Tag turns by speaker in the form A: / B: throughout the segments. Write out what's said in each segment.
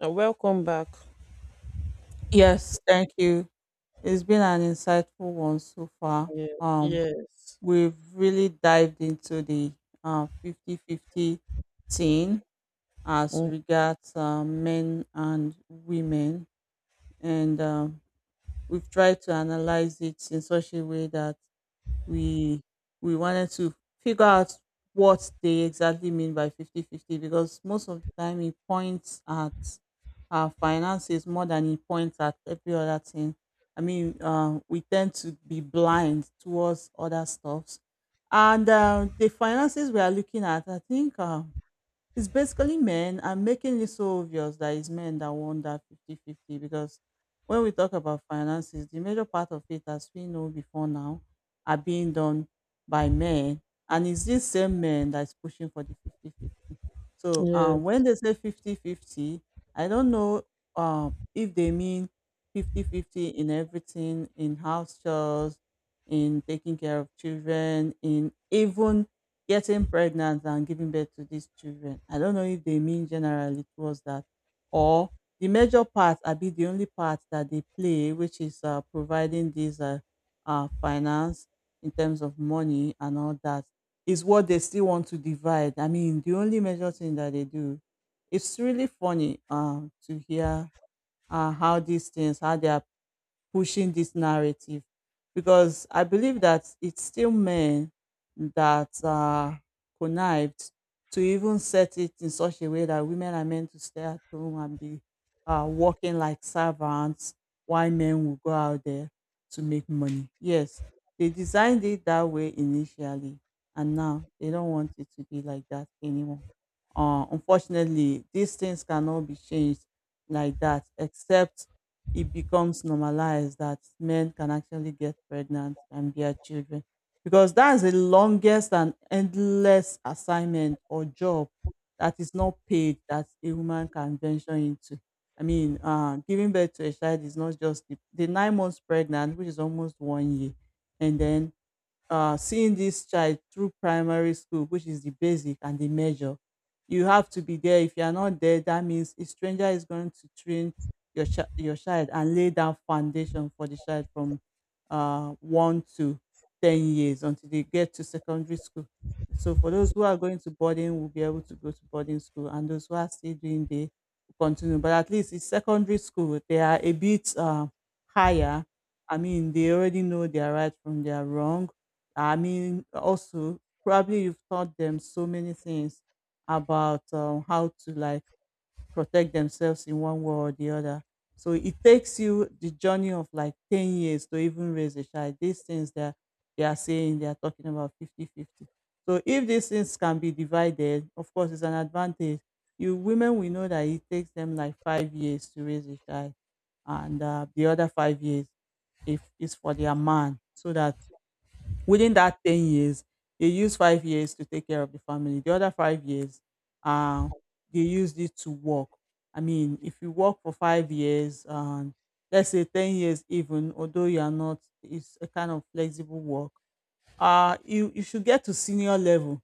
A: And welcome back.
B: Yes, thank you. It's been an insightful one so far.
A: Yeah,
B: Um,
A: yes.
B: we've really dived into the 50 fifty thing as
A: Mm,
B: regards men and women, and we've tried to analyze it in such a way that we we wanted to figure out what they exactly mean by 50 50 because most of the time he points at our finances more than he points at every other thing. I mean, we tend to be blind towards other stuffs. And the finances we are looking at, I think it's basically men. I'm making it so obvious that it's men that won that 50-50 because when we talk about finances, the major part of it, as we know before now, are being done by men. And it's this same men that's pushing for the 50-50. So when
A: yes.
B: they say 50-50, I don't know if they mean 50-50 in everything, in house chores, in taking care of children, in even getting pregnant and giving birth to these children. I don't know if they mean generally towards that or the major part, I be the only part that they play, which is providing these finance in terms of money and all that, is what they still want to divide. I mean, the only major thing that they do. It's really funny to hear how they are pushing this narrative because I believe that it's still men that are connived to even set it in such a way that women are meant to stay at home and be working like servants while men will go out there to make money. Yes, they designed it that way initially, and now they don't want it to be like that anymore. Unfortunately, these things cannot be changed like that except it becomes normalized that men can actually get pregnant and bear children because that's the longest and endless assignment or job that is not paid that a woman can venture into. I mean, giving birth to a child is not just the 9 months pregnant, which is almost one year, and then seeing this child through primary school, which is the basic and the major. You have to be there. If you are not there, that means a stranger is going to train your child and lay down foundation for the child from 1 to 10 years until they get to secondary school. So for those who are going to boarding, will be able to go to boarding school, and those who are still doing day will continue. But at least in secondary school, they are a bit higher. I mean, they already know their right from their wrong. I mean, also, probably you've taught them so many things about how to, like, protect themselves in one way or the other. So it takes you the journey of like 10 years to even raise a child. These things that they are saying, they are talking about 50-50. So if these things can be divided, of course, it's an advantage. You women, we know that it takes them like 5 years to raise a child, and the other 5 years if is for their man, so that within that 10 years, they use 5 years to take care of the family. The other 5 years, uh, they used it to work. I mean, if you work for 5 years, and let's say 10 years even, although you are not, it's a kind of flexible work, you should get to senior level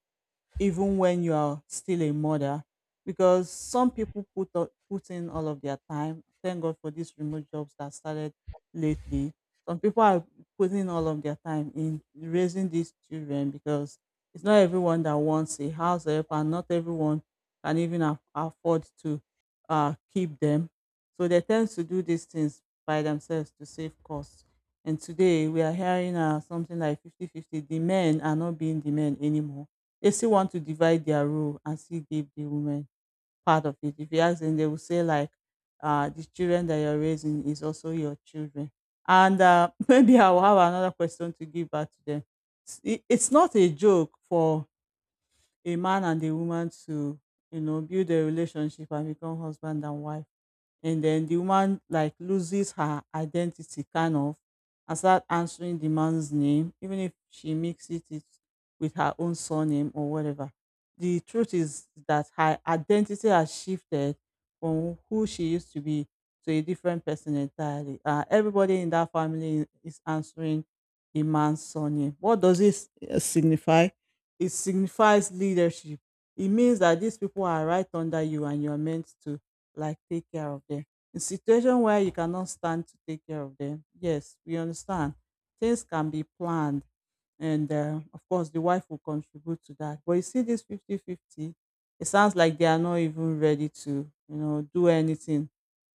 B: even when you are still a mother because some people put in all of their time. Thank god for these remote jobs that started lately. Some people are putting all of their time in raising these children because it's not everyone that wants a house help, and not everyone can even afford to keep them, so they tend to do these things by themselves to save costs. And today we are hearing something like 50-50. The men are not being the men anymore. They still want to divide their role and still give the women part of it. If you ask them, they will say, like, the children that you're raising is also your children. And maybe I will have another question to give back to them. It's not a joke for a man and a woman to build a relationship and become husband and wife, and then the woman, like, loses her identity, kind of, and start answering the man's name. Even if she mixes it with her own surname or whatever, the truth is that her identity has shifted from who she used to be to a different person entirely. Everybody in that family is answering a man's surname. What does this signify? It signifies leadership. It means that these people are right under you and you're meant to, like, take care of them. In situation where you cannot stand to take care of them, yes, we understand. Things can be planned, and of course, the wife will contribute to that. But you see, this 50-50, it sounds like they are not even ready to do anything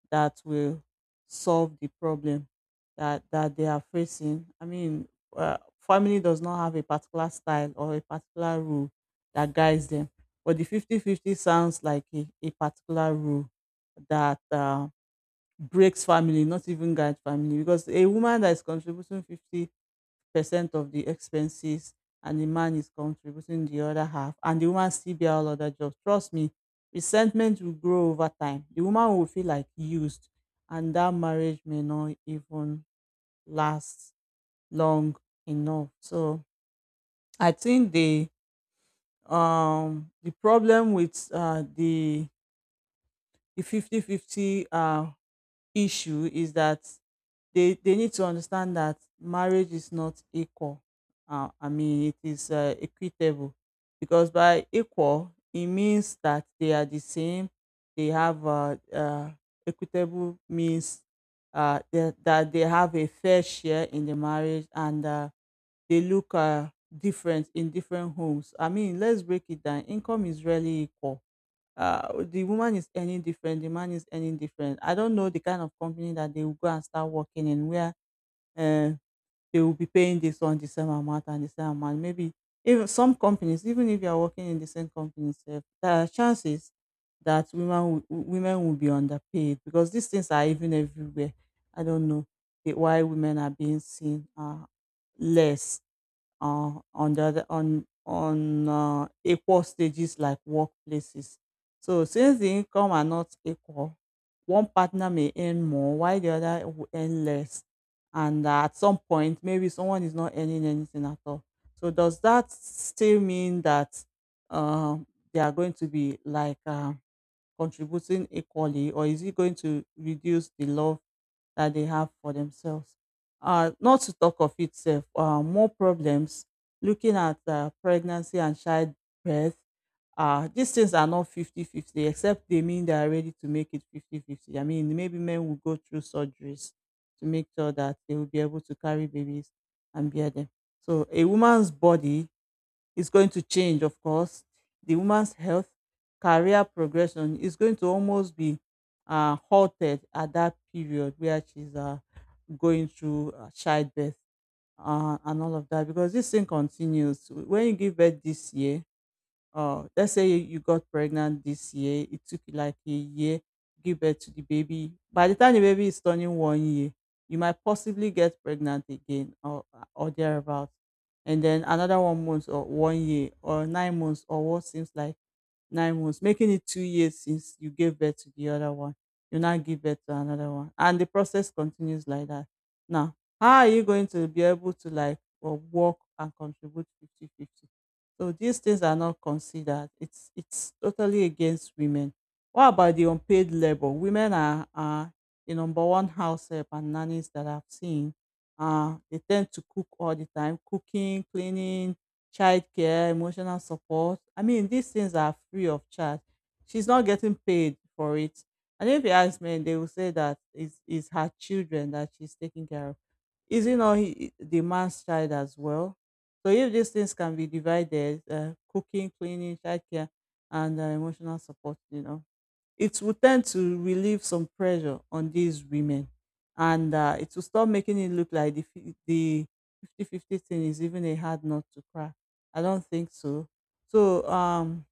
B: that will solve the problem that they are facing. I mean, family does not have a particular style or a particular rule that guides them, but the 50-50 sounds like a particular rule that breaks family, not even guide family, because a woman that is contributing 50% of the expenses and the man is contributing the other half and the woman still be all other jobs. Trust me, resentment will grow over time. The woman will feel, like, used, and that marriage may not even last long enough. So I think the problem with the 50 50 issue is that they need to understand that marriage is not equal. I mean, it is equitable because by equal it means that they are the same. They have equitable means that they have a fair share in the marriage, and they look different in different homes. I mean, let's break it down. Income is really equal. The woman is earning different, the man is earning different. I don't know the kind of company that they will go and start working in where uh, they will be paying this one the same amount and the same amount. Maybe even some companies, even if you are working in the same company, sef, there are chances that women will be underpaid because these things are even everywhere. I don't know why women are being seen less on the other, on equal stages like workplaces. So since the income are not equal, one partner may earn more while the other will earn less, and at some point maybe someone is not earning anything at all. So does that still mean that uh, they are going to be, like, contributing equally, or is it going to reduce the love that they have for themselves? Not to talk of itself, more problems looking at pregnancy and childbirth. These things are not 50-50, except they mean they are ready to make it 50-50. I mean, maybe men will go through surgeries to make sure that they will be able to carry babies and bear them. So, a woman's body is going to change, of course. The woman's health, career progression is going to almost be halted at that period where she's going through childbirth and all of that because this thing continues. When you give birth this year, let's say you got pregnant this year, it took you like a year, give birth to the baby. By the time the baby is turning one year, you might possibly get pregnant again, or thereabout. And then another one month or one year or 9 months or what seems like 9 months, making it 2 years since you gave birth to the other one. You now give birth to another one. And the process continues like that. Now, how are you going to be able to, like, or work and contribute 50-50? So these things are not considered. It's totally against women. What about the unpaid labor? Women are the number one house help and nannies that I've seen. They tend to cook all the time, cooking, cleaning, childcare, emotional support. I mean, these things are free of charge. She's not getting paid for it. And if you ask men, they will say that it's her children that she's taking care of. Is it not the man's child as well? So if these things can be divided, cooking, cleaning, childcare, and emotional support. It will tend to relieve some pressure on these women and it will stop making it look like the 50 fifty thing is even a hard nut to crack. I don't think so. so um,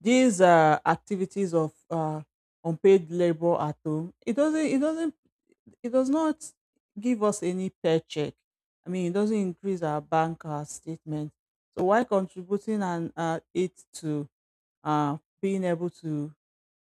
B: these activities of unpaid labor at home, it doesn't, it does not give us any paycheck. I mean, it doesn't increase our bank statement. So why contributing and it to being able to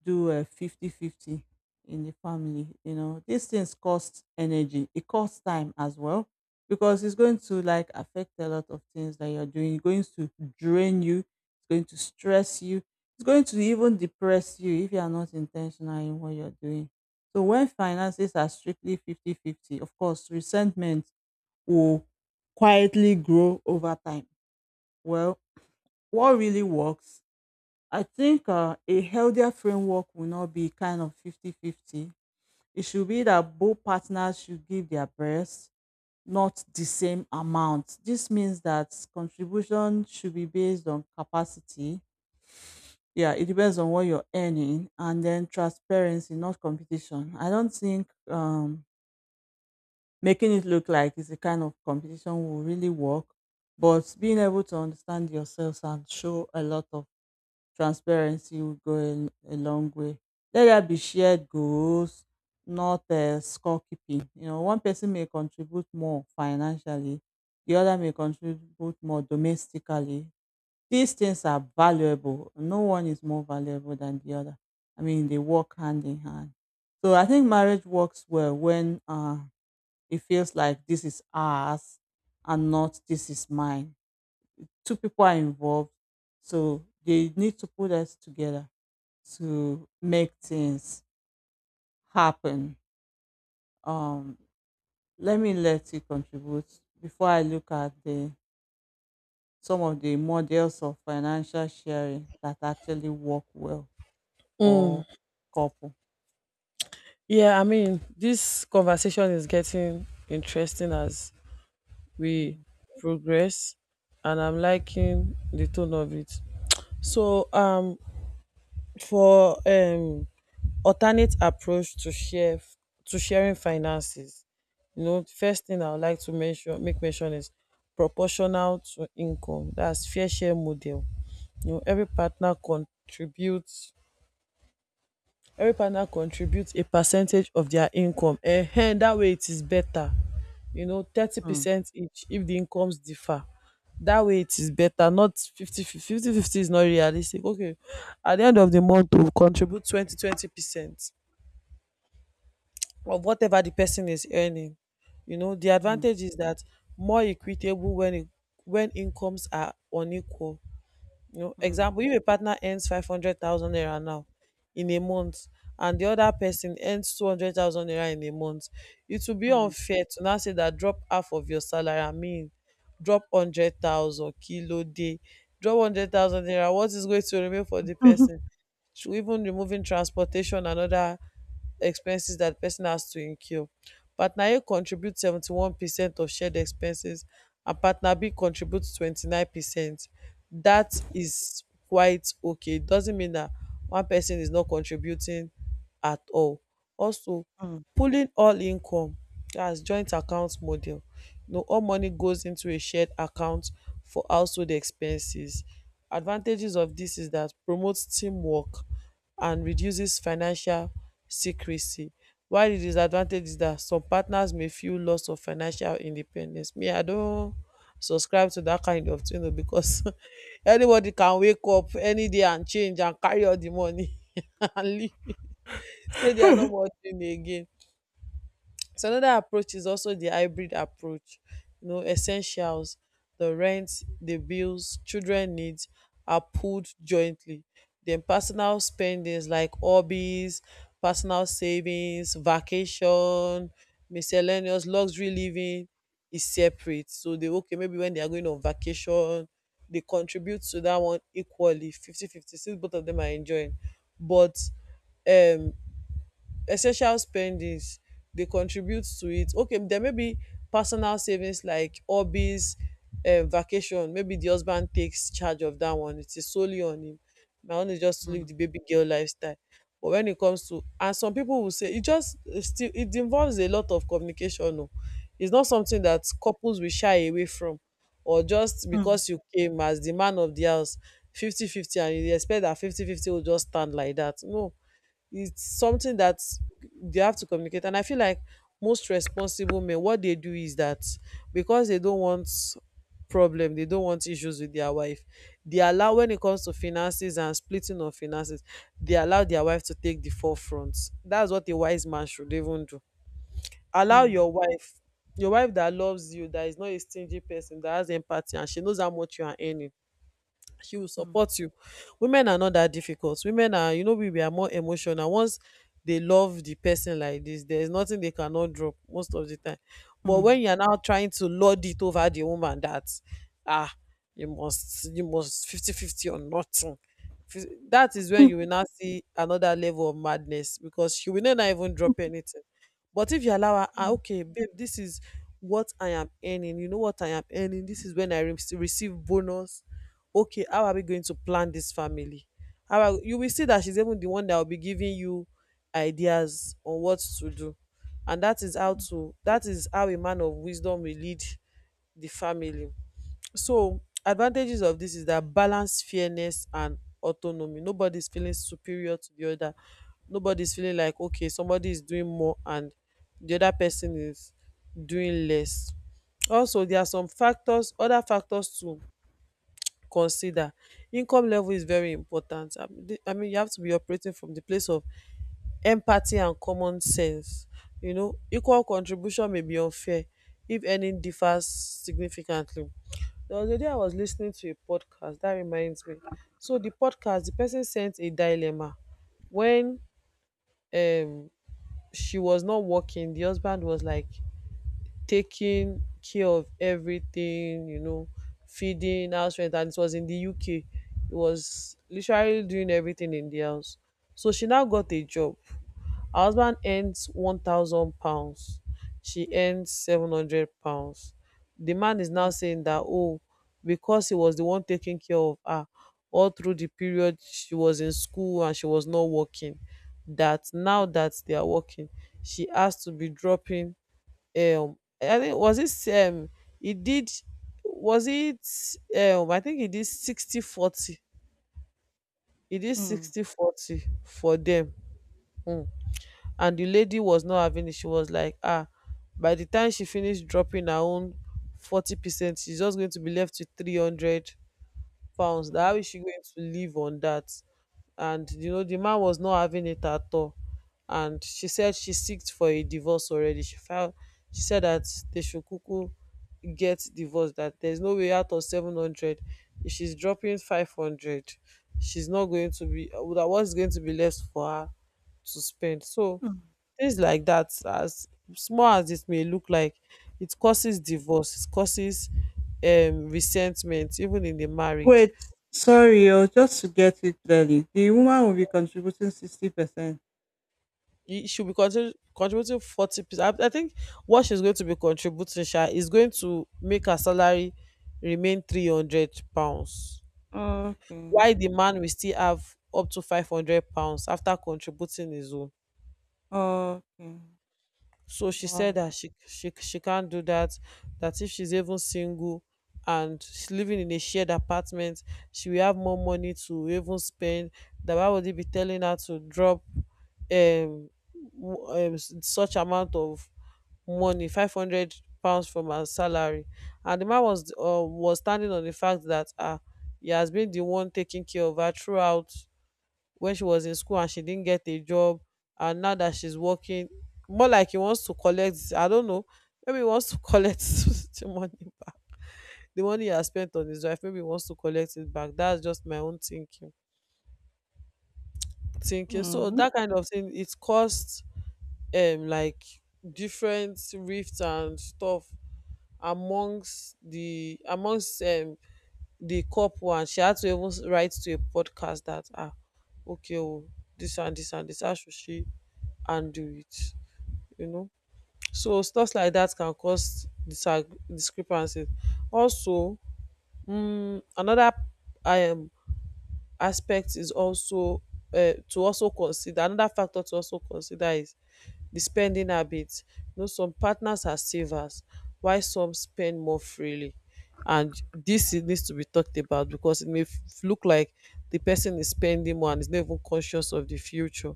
B: do a 50-50 in the family? You know, these things cost energy, it costs time as well, because it's going to like affect a lot of things that you're doing. It's going to drain you, it's going to stress you, it's going to even depress you if you are not intentional in what you're doing. So when finances are strictly 50-50, of course resentment will quietly grow over time. Well, what really works? I think a healthier framework will not be kind of 50-50. It should be that both partners should give their best, not the same amount. This means that contribution should be based on capacity. Yeah, it depends on what you're earning, and then transparency, not competition. I don't think making it look like it's a kind of competition will really work, but being able to understand yourselves and show a lot of transparency will go a long way. Let there be shared goals, not scorekeeping. You know, one person may contribute more financially, the other may contribute more domestically. These things are valuable. No one is more valuable than the other. I mean, they work hand in hand. So I think marriage works well when it feels like this is ours and not this is mine. Two people are involved, so they need to put us together to make things happen. Um, Let me let you contribute before I look at the some of the models of financial sharing that actually work well for
A: Mm.
B: couple.
A: Yeah, I mean, this conversation is getting interesting as we
B: Mm,
A: progress, and I'm liking the tone of it. So, for alternate approach to share to sharing finances, you know, the first thing I would like to mention make mention is proportional to income. That's fair share model. You know, every partner contributes a percentage of their income, and that way it is better. You know, thirty
B: mm,
A: percent each if the incomes differ. That way it is better. Not 50 is not realistic. Okay, at the end of the month we contribute 20 20 percent of whatever the person is earning. You know, the
B: mm,
A: advantage is that more equitable when when incomes are unequal. You know,
B: mm,
A: example, if a partner earns 500,000 naira now in a month and the other person earns 200,000 naira in a month, it will be
B: mm,
A: unfair to now say that drop half of your salary. I mean, drop 100,000 kilo day, drop 100,000 naira. What is going to remain for the person? So even removing transportation and other expenses that person has to incur. Partner A contributes 71% of shared expenses and partner B contributes 29%. That is quite okay. It doesn't mean that one person is not contributing at all. Also,
B: mm,
A: pooling all income, that's joint account model. You know, all money goes into a shared account for household expenses. Advantages of this is that promotes teamwork and reduces financial secrecy, while the disadvantage is that some partners may feel loss of financial independence. Me, I don subscribe to that kind of thing oo, because anybody can wake up any day and change and carry all the money and leave, say they are not working again. So another approach is also the hybrid approach. You know, essentials, the rent, the bills, children needs are pulled jointly. Then personal spendings like hobbies, personal savings, vacation, miscellaneous luxury living is separate. So they okay, maybe when they are going on vacation, they contribute to that one equally, 50 50. 50 since both of them are enjoying. But um essential spendings dey contribute to it. Okay, then maybe personal savings like hobbies, vacation, maybe the husband takes charge of that one. It is solely on him. My own is just to live
B: mm,
A: the baby girl lifestyle. But when it comes to, and some people will say it just it still it involves a lot of communication. Oh. It's not something that couples will shy away from, or just
B: mm, mm,
A: because you came as the man of the house, 50-50, and you expect that 50-50 will just stand like that. No, it's something that they have to communicate. And I feel like most responsible men, what they do is that, because they don't want issues with their wife, they allow, when it comes to finances and splitting of finances, they allow their wife to take the forefront. That's what a wise man should even do. Allow
B: mm,
A: your wife, your wife that loves you, that is not a stingy person, that has empathy, and she knows how much you are earning. She will
B: mm,
A: support you. Women are not that difficult. Women are, you know, we are more emotional. Once they love the person like this, there is nothing they cannot drop most of the time. But
B: mm,
A: when you are now trying to lord it over the woman that, ah, you must, 50 50 or nothing. That is when you will now see another level of madness, because she will not even drop anything. But if you allow her, ah,
B: mm,
A: okay, babe, this is what I am earning. You know what I am earning. This is when I receive bonus. Okay, how are we going to plan this family? You will see that she's even the one that will be giving you ideas on what to do, and that is how a man of wisdom will lead the family. So advantages of this is that balance fairness and autonomy. Nobody's feeling superior to the other. Nobody's feeling like okay, somebody is doing more and the other person is doing less. Also, there are some factors, other factors to consider. Income level is very important. I mean, I mean, you have to be operating from the place of empathy and common sense. You know, equal contribution may be unfair if earning differs significantly. There was a day I was listening to a podcast that reminds me. So the podcast, the person sent a dilemma. When um she was not working, the husband was like, taking care of everything, you know, feeding, house rent, and it was in the UK. It was literally doing everything in the house. So she now got a job. Her husband earns £1,000. She earns £700. The man is
B: mm.
A: now saying that, oh, because he was the one taking care of her all through the period she was in school and she was not working, that now that they are working, she has to be dropping I think was it he did was it I think he did 60-40. He did 60-40 for them. Mm. And the lady was not having it. She was like, ah, by the time she finished dropping her own 40%, she's just going to be left with 300 pounds. That how
B: Mm.
A: is she going to live on that? And you know, the man was not having it at all. And she said she seeked for a divorce already. She filed. She said that they should kuku get divorced, that there's no way out of 700. If she's dropping 500, she's not going to be, that, what's going to be left for her to spend? So things like that, as small as it may look like, it causes divorce, it causes resentment even in the marriage.
B: Wait, sorry, oh, just to get it clearly, the woman will be contributing 60%.
A: It should be contributing 40%. I think what she's going to be contributing sha is going to make her salary remain £300.
B: Okay,
A: Why the man will still have up to £500 after contributing his own.
B: okay.
A: So she said
B: 어.
A: that she she can't do that, that if she's even single and she's living in a shared apartment, she will have more money to even spend. That why would he be telling her to drop such amount of money, 500 pounds from her salary. And the man was standing on the fact that, he has been the one taking care of her throughout when she was in school and she didn't get a job. And now that she's working, more like he wants to collect, I don't know, maybe he wants to collect the money, the money he has spent on his wife, maybe he wants to collect it back. That's just my own thinking. So
B: 음.
A: that kind of thing, it caused like different rifts and stuff amongst the couple. And she had to even write to a podcast that, ah, okay oh, this and this and this how should she handle it, you know. So stuff like that can cause discrepancies. Also, another um aspect is also, to also consider another factor to also consider is the spending habits. You know, some partners are savers while some spend more freely. And this, it needs to be talked about, because it may look like the person is spending more and is not even conscious of the future.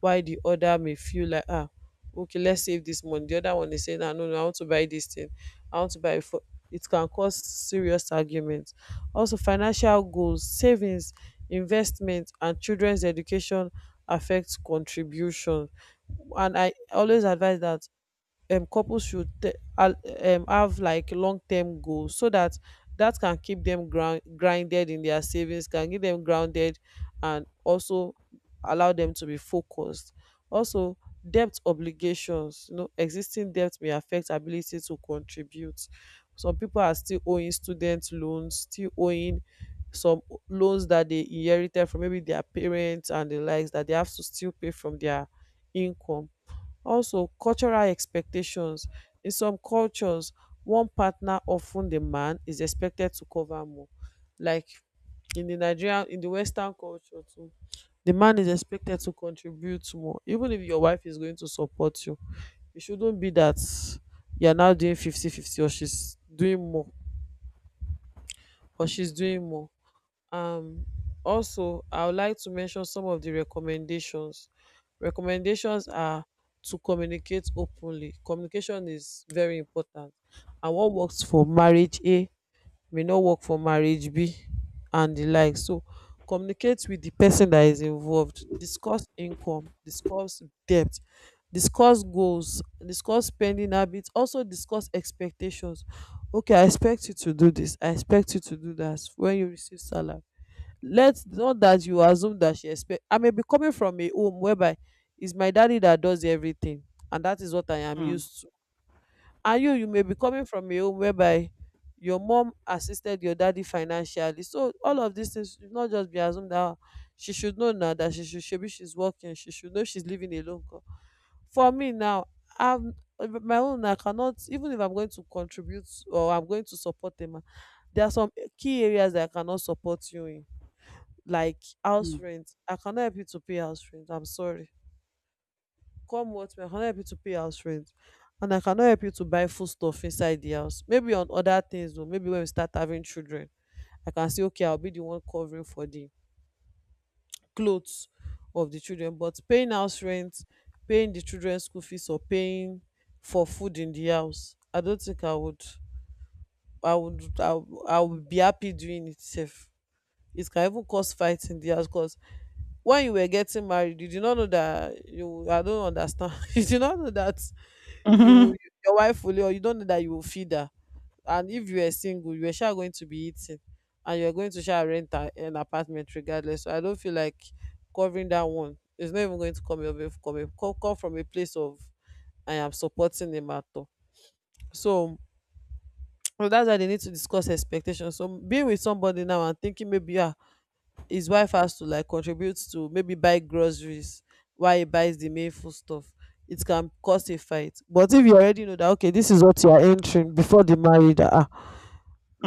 A: While the other may feel like, ah, okay, let's save this money. The other one is saying, ah, no, I want to buy this thing. I want to buy it for, it can cause serious arguments. Also, financial goals, savings, investment, and children's education affect contribution. And I always advise that, couples should have like long-term goals so that can keep them grounded in their savings, can keep them grounded, and also allow them to be focused. Also, debt obligations. You know, existing debt may affect ability to contribute. Some people are still owing student loans, still owing some loans that they inherited from maybe their parents and the likes, that they have to still pay from their income. Also, cultural expectations. In some cultures, one partner, often the man, is expected to cover more. Like in the Nigerian, in the Western culture too, the man is expected to contribute more. Even if your wife is going to support you, it shouldn't be that you're now doing fifty-fifty, or she's doing more or she's doing more um also, I would like to mention some of the recommendations. Recommendations are to communicate openly. Communication is very important, and what works for marriage A may not work for marriage B and the like. So communicate with the person that is involved. Discuss income, discuss debt, discuss goals, discuss spending habits, also discuss expectations. Okay, I expect you to do this, I expect you to do that when you receive salary. Let not that you assume that she expect. I may be coming from a home whereby it's my daddy that does everything, and that is what I am
B: 음
A: used to. And you may be coming from a home whereby your mom assisted your daddy financially. So all of these things should not just be assumed. That, ah, she should know now that she should, shebi, she's working, she should know, she's living alone. 'Cause for me now, I'm my own, I cannot. Even if I'm going to contribute or I'm going to support Emma, there are some key areas that I cannot support you in, like house
B: 음.
A: rent. I cannot help you to pay house rent, I'm sorry. Come what may, I cannot help you to pay house rent. And I cannot help you to buy food stuff inside the house. Maybe on other things though, maybe when we start having children, I can say, okay, I'll be the one covering for the clothes of the children. But paying house rent, paying the children school fees, or paying for food in the house, I don't think I would be happy doing it. Safe. It can even cause fight in the house. Because when you were getting married, you did not know that you, I don't understand, you did not know that you
B: Mhm.
A: will- your wife will, or you don't know that you will feed her. And if you were single, you were sure going to be eating, and you're going to share rent an apartment regardless. So I don't feel like covering that one. It's not even going to come up. Come from a place of I am supporting the matter. So, well, that's why they need to discuss expectations. So being with somebody now and thinking, maybe, yeah, his wife has to like contribute to maybe buy groceries while he buys the main food stuff, it can cause a fight. But if you already know that, okay, this is what you are entering before the marriage, that, ah,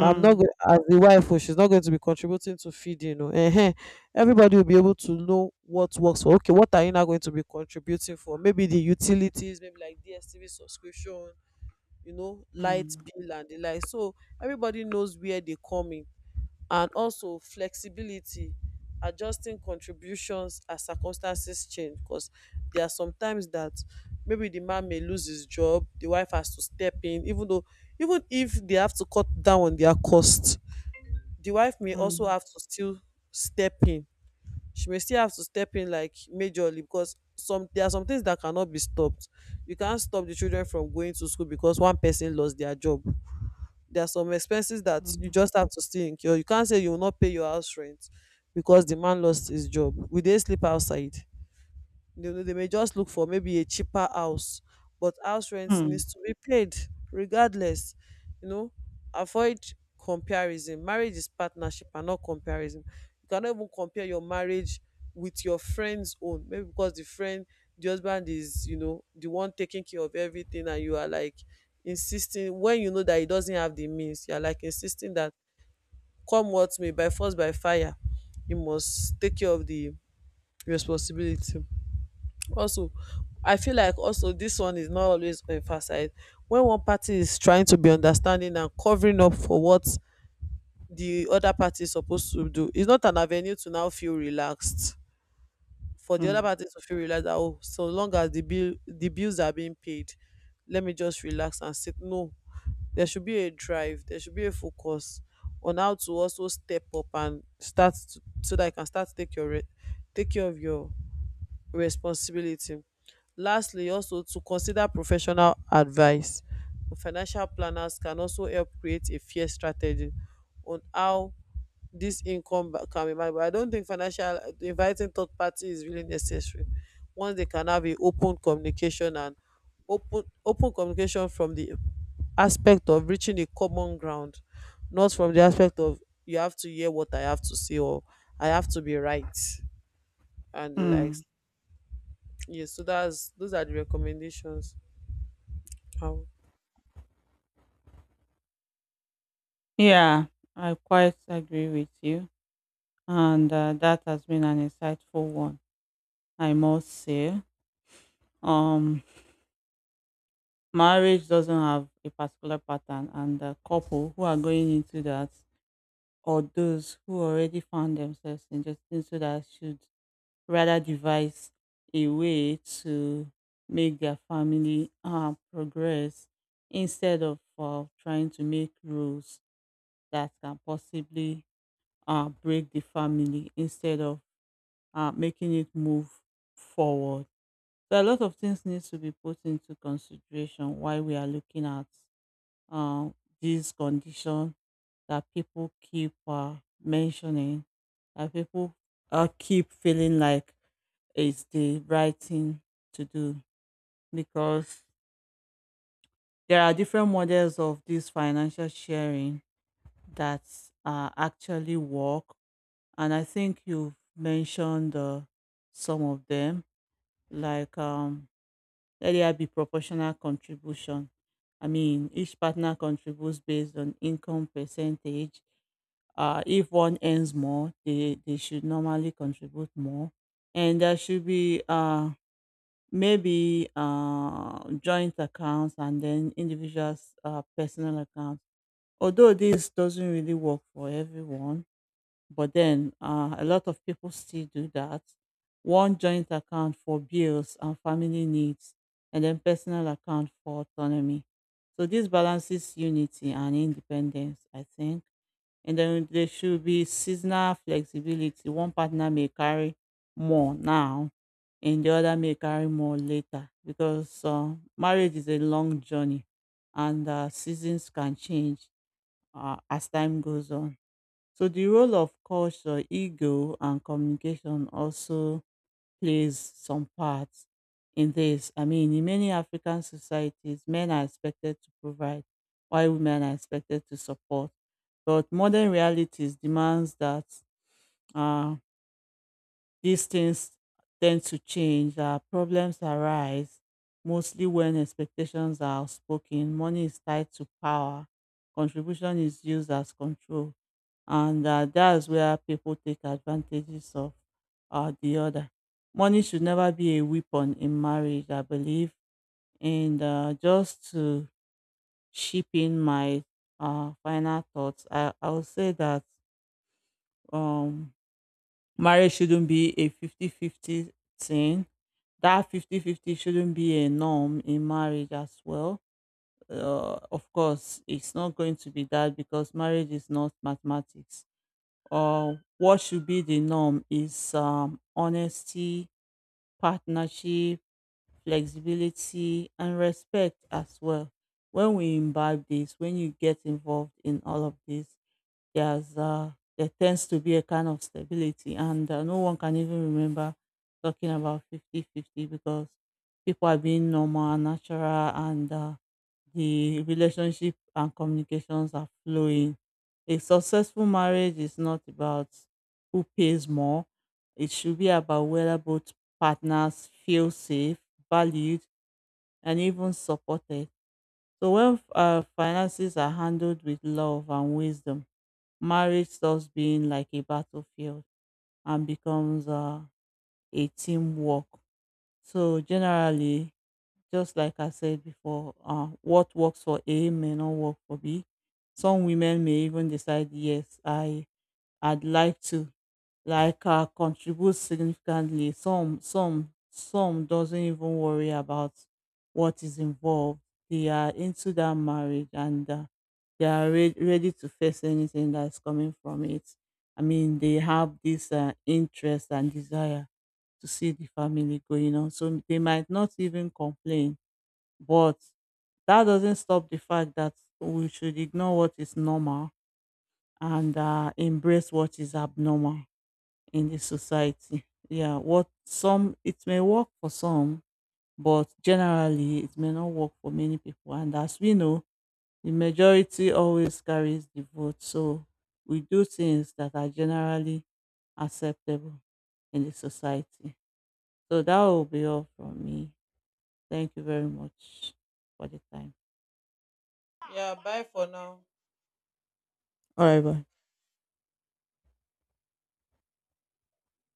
A: I'm not going as the wife, oh, she's not going to be contributing to feeding, oh, everybody will be able to know what works for. Okay, what are you now going to be contributing for? Maybe the utilities, maybe like DStv subscription, you know, light
B: mm,
A: bill and the like. So everybody knows where they come in. And also flexibility, adjusting contributions as circumstances change, because there are sometimes that maybe the man may lose his job, the wife has to step in. Even though, even if they have to cut down on their cost, the wife may also
B: mm,
A: have to still step in. She may still have to step in, like majorly. Because some there are some things that cannot be stopped. You can't stop the children from going to school because one person lost their job. There are some expenses that
B: mm,
A: you just have to still incur. You can't say you will not pay your house rent because the man lost his job. Will they sleep outside? They may just look for maybe a cheaper house, but house rent
B: mm,
A: needs to be paid regardless, you know. Avoid comparison. Marriage is partnership and not comparison. You cannot even compare your marriage with your friend's own, maybe because the friend, the husband is, you know, the one taking care of everything, and you are like insisting when you know that he doesn't have the means. You are like insisting that come what may, by force, by fire, you must take care of the responsibility. Also, I feel like, also this one is not always emphasized. When one party is trying to be understanding and covering up for what the other party is supposed to do, it's not an avenue to now feel relaxed, for the other
B: mm,
A: party to feel relaxed that, oh, so long as the bills are being paid, let me just relax and sit. No, there should be a drive, there should be a focus on how to also step up and so that you can start to take care of your responsibility. Lastly, also to consider professional advice. Financial planners can also help create a fair strategy on how this can be managed. But I don't think financial, inviting third party is really necessary. Once they can have a open communication, and open communication from the aspect of reaching a common ground, not from the aspect of you have to hear what I have to say, or I have to be right and the
B: mm.
A: likes. Yes, so that's those are the recommendations. How?
B: Yeah, I quite agree with you, and, that has been an insightful one, I must say. Um, Marriage doesn't have a particular pattern, and the couple who are going into that or those who already found themselves in just into that should rather devise a way to make their family progress instead of trying to make rules that can possibly break the family instead of making it move forward. So a lot of things needs to be put into consideration while we are looking at uh, this condition that people keep mentioning, that people keep feeling like is the right thing to do, because there are different models of this financial sharing that actually work. And I think you've mentioned some of them, like earlier, be proportional contribution. I mean, each partner contributes based on income percentage. If one earns more, they should normally contribute more. And there should be maybe joint accounts and then individuals personal accounts, although this doesn't really work for everyone, but then a lot of people still do that: one joint account for bills and family needs, and then personal account for autonomy. So this balances unity and independence, I think. And then there should be seasonal flexibility. One partner may carry more now, and the other may carry more later, because marriage is a long journey, and seasons can change as time goes on. So the role of culture, ego, and communication also plays some part in this. I mean, in many African societies, men are expected to provide while women are expected to support. But modern realities demands that uh, these things tend to change. Uh, problems arise mostly when expectations are outspoken, money is tied to power, contribution is used as control, and that's where people take advantages of the other. Money should never be a weapon in marriage, I believe. And just to chip in my final thoughts, I would say that um, marriage shouldn't be a 50-50 thing, that 5050 shouldn't be a norm in marriage as well. Of course, it's not going to be that, because marriage is not mathematics. What should be the norm is honesty, partnership, flexibility, and respect as well. When we imbibe this, when you get involved in all of this, there's uh, there tends to be a kind of stability, and no one can even remember talking about 50-50 because people are being normal and natural, and the relationship and communications are flowing. A successful marriage is not about who pays more. It should be about whether both partners feel safe, valued, and even supported. So when finances are handled with love and wisdom, marriage stops being like a battlefield and becomes a teamwork. So generally, just like I said before, what works for A may not work for B. Some women may even decide, yes, I'd like to like contribute significantly. Some some doesn't even worry about what is involved. They are into that marriage, and they are ready to face anything that's coming from it. I mean, they have this interest and desire to see the family going on, so they might not even complain. But that doesn't stop the fact that we should ignore what is normal and embrace what is abnormal in the society. Yeah, what some, it may work for some, but generally it may not work for many people. And as we know, the majority always carries the vote. So we do things that are generally acceptable in the society. So that will be all from me. Thank you very much for the time.
A: Yeah, bye for now.
B: All right, bye.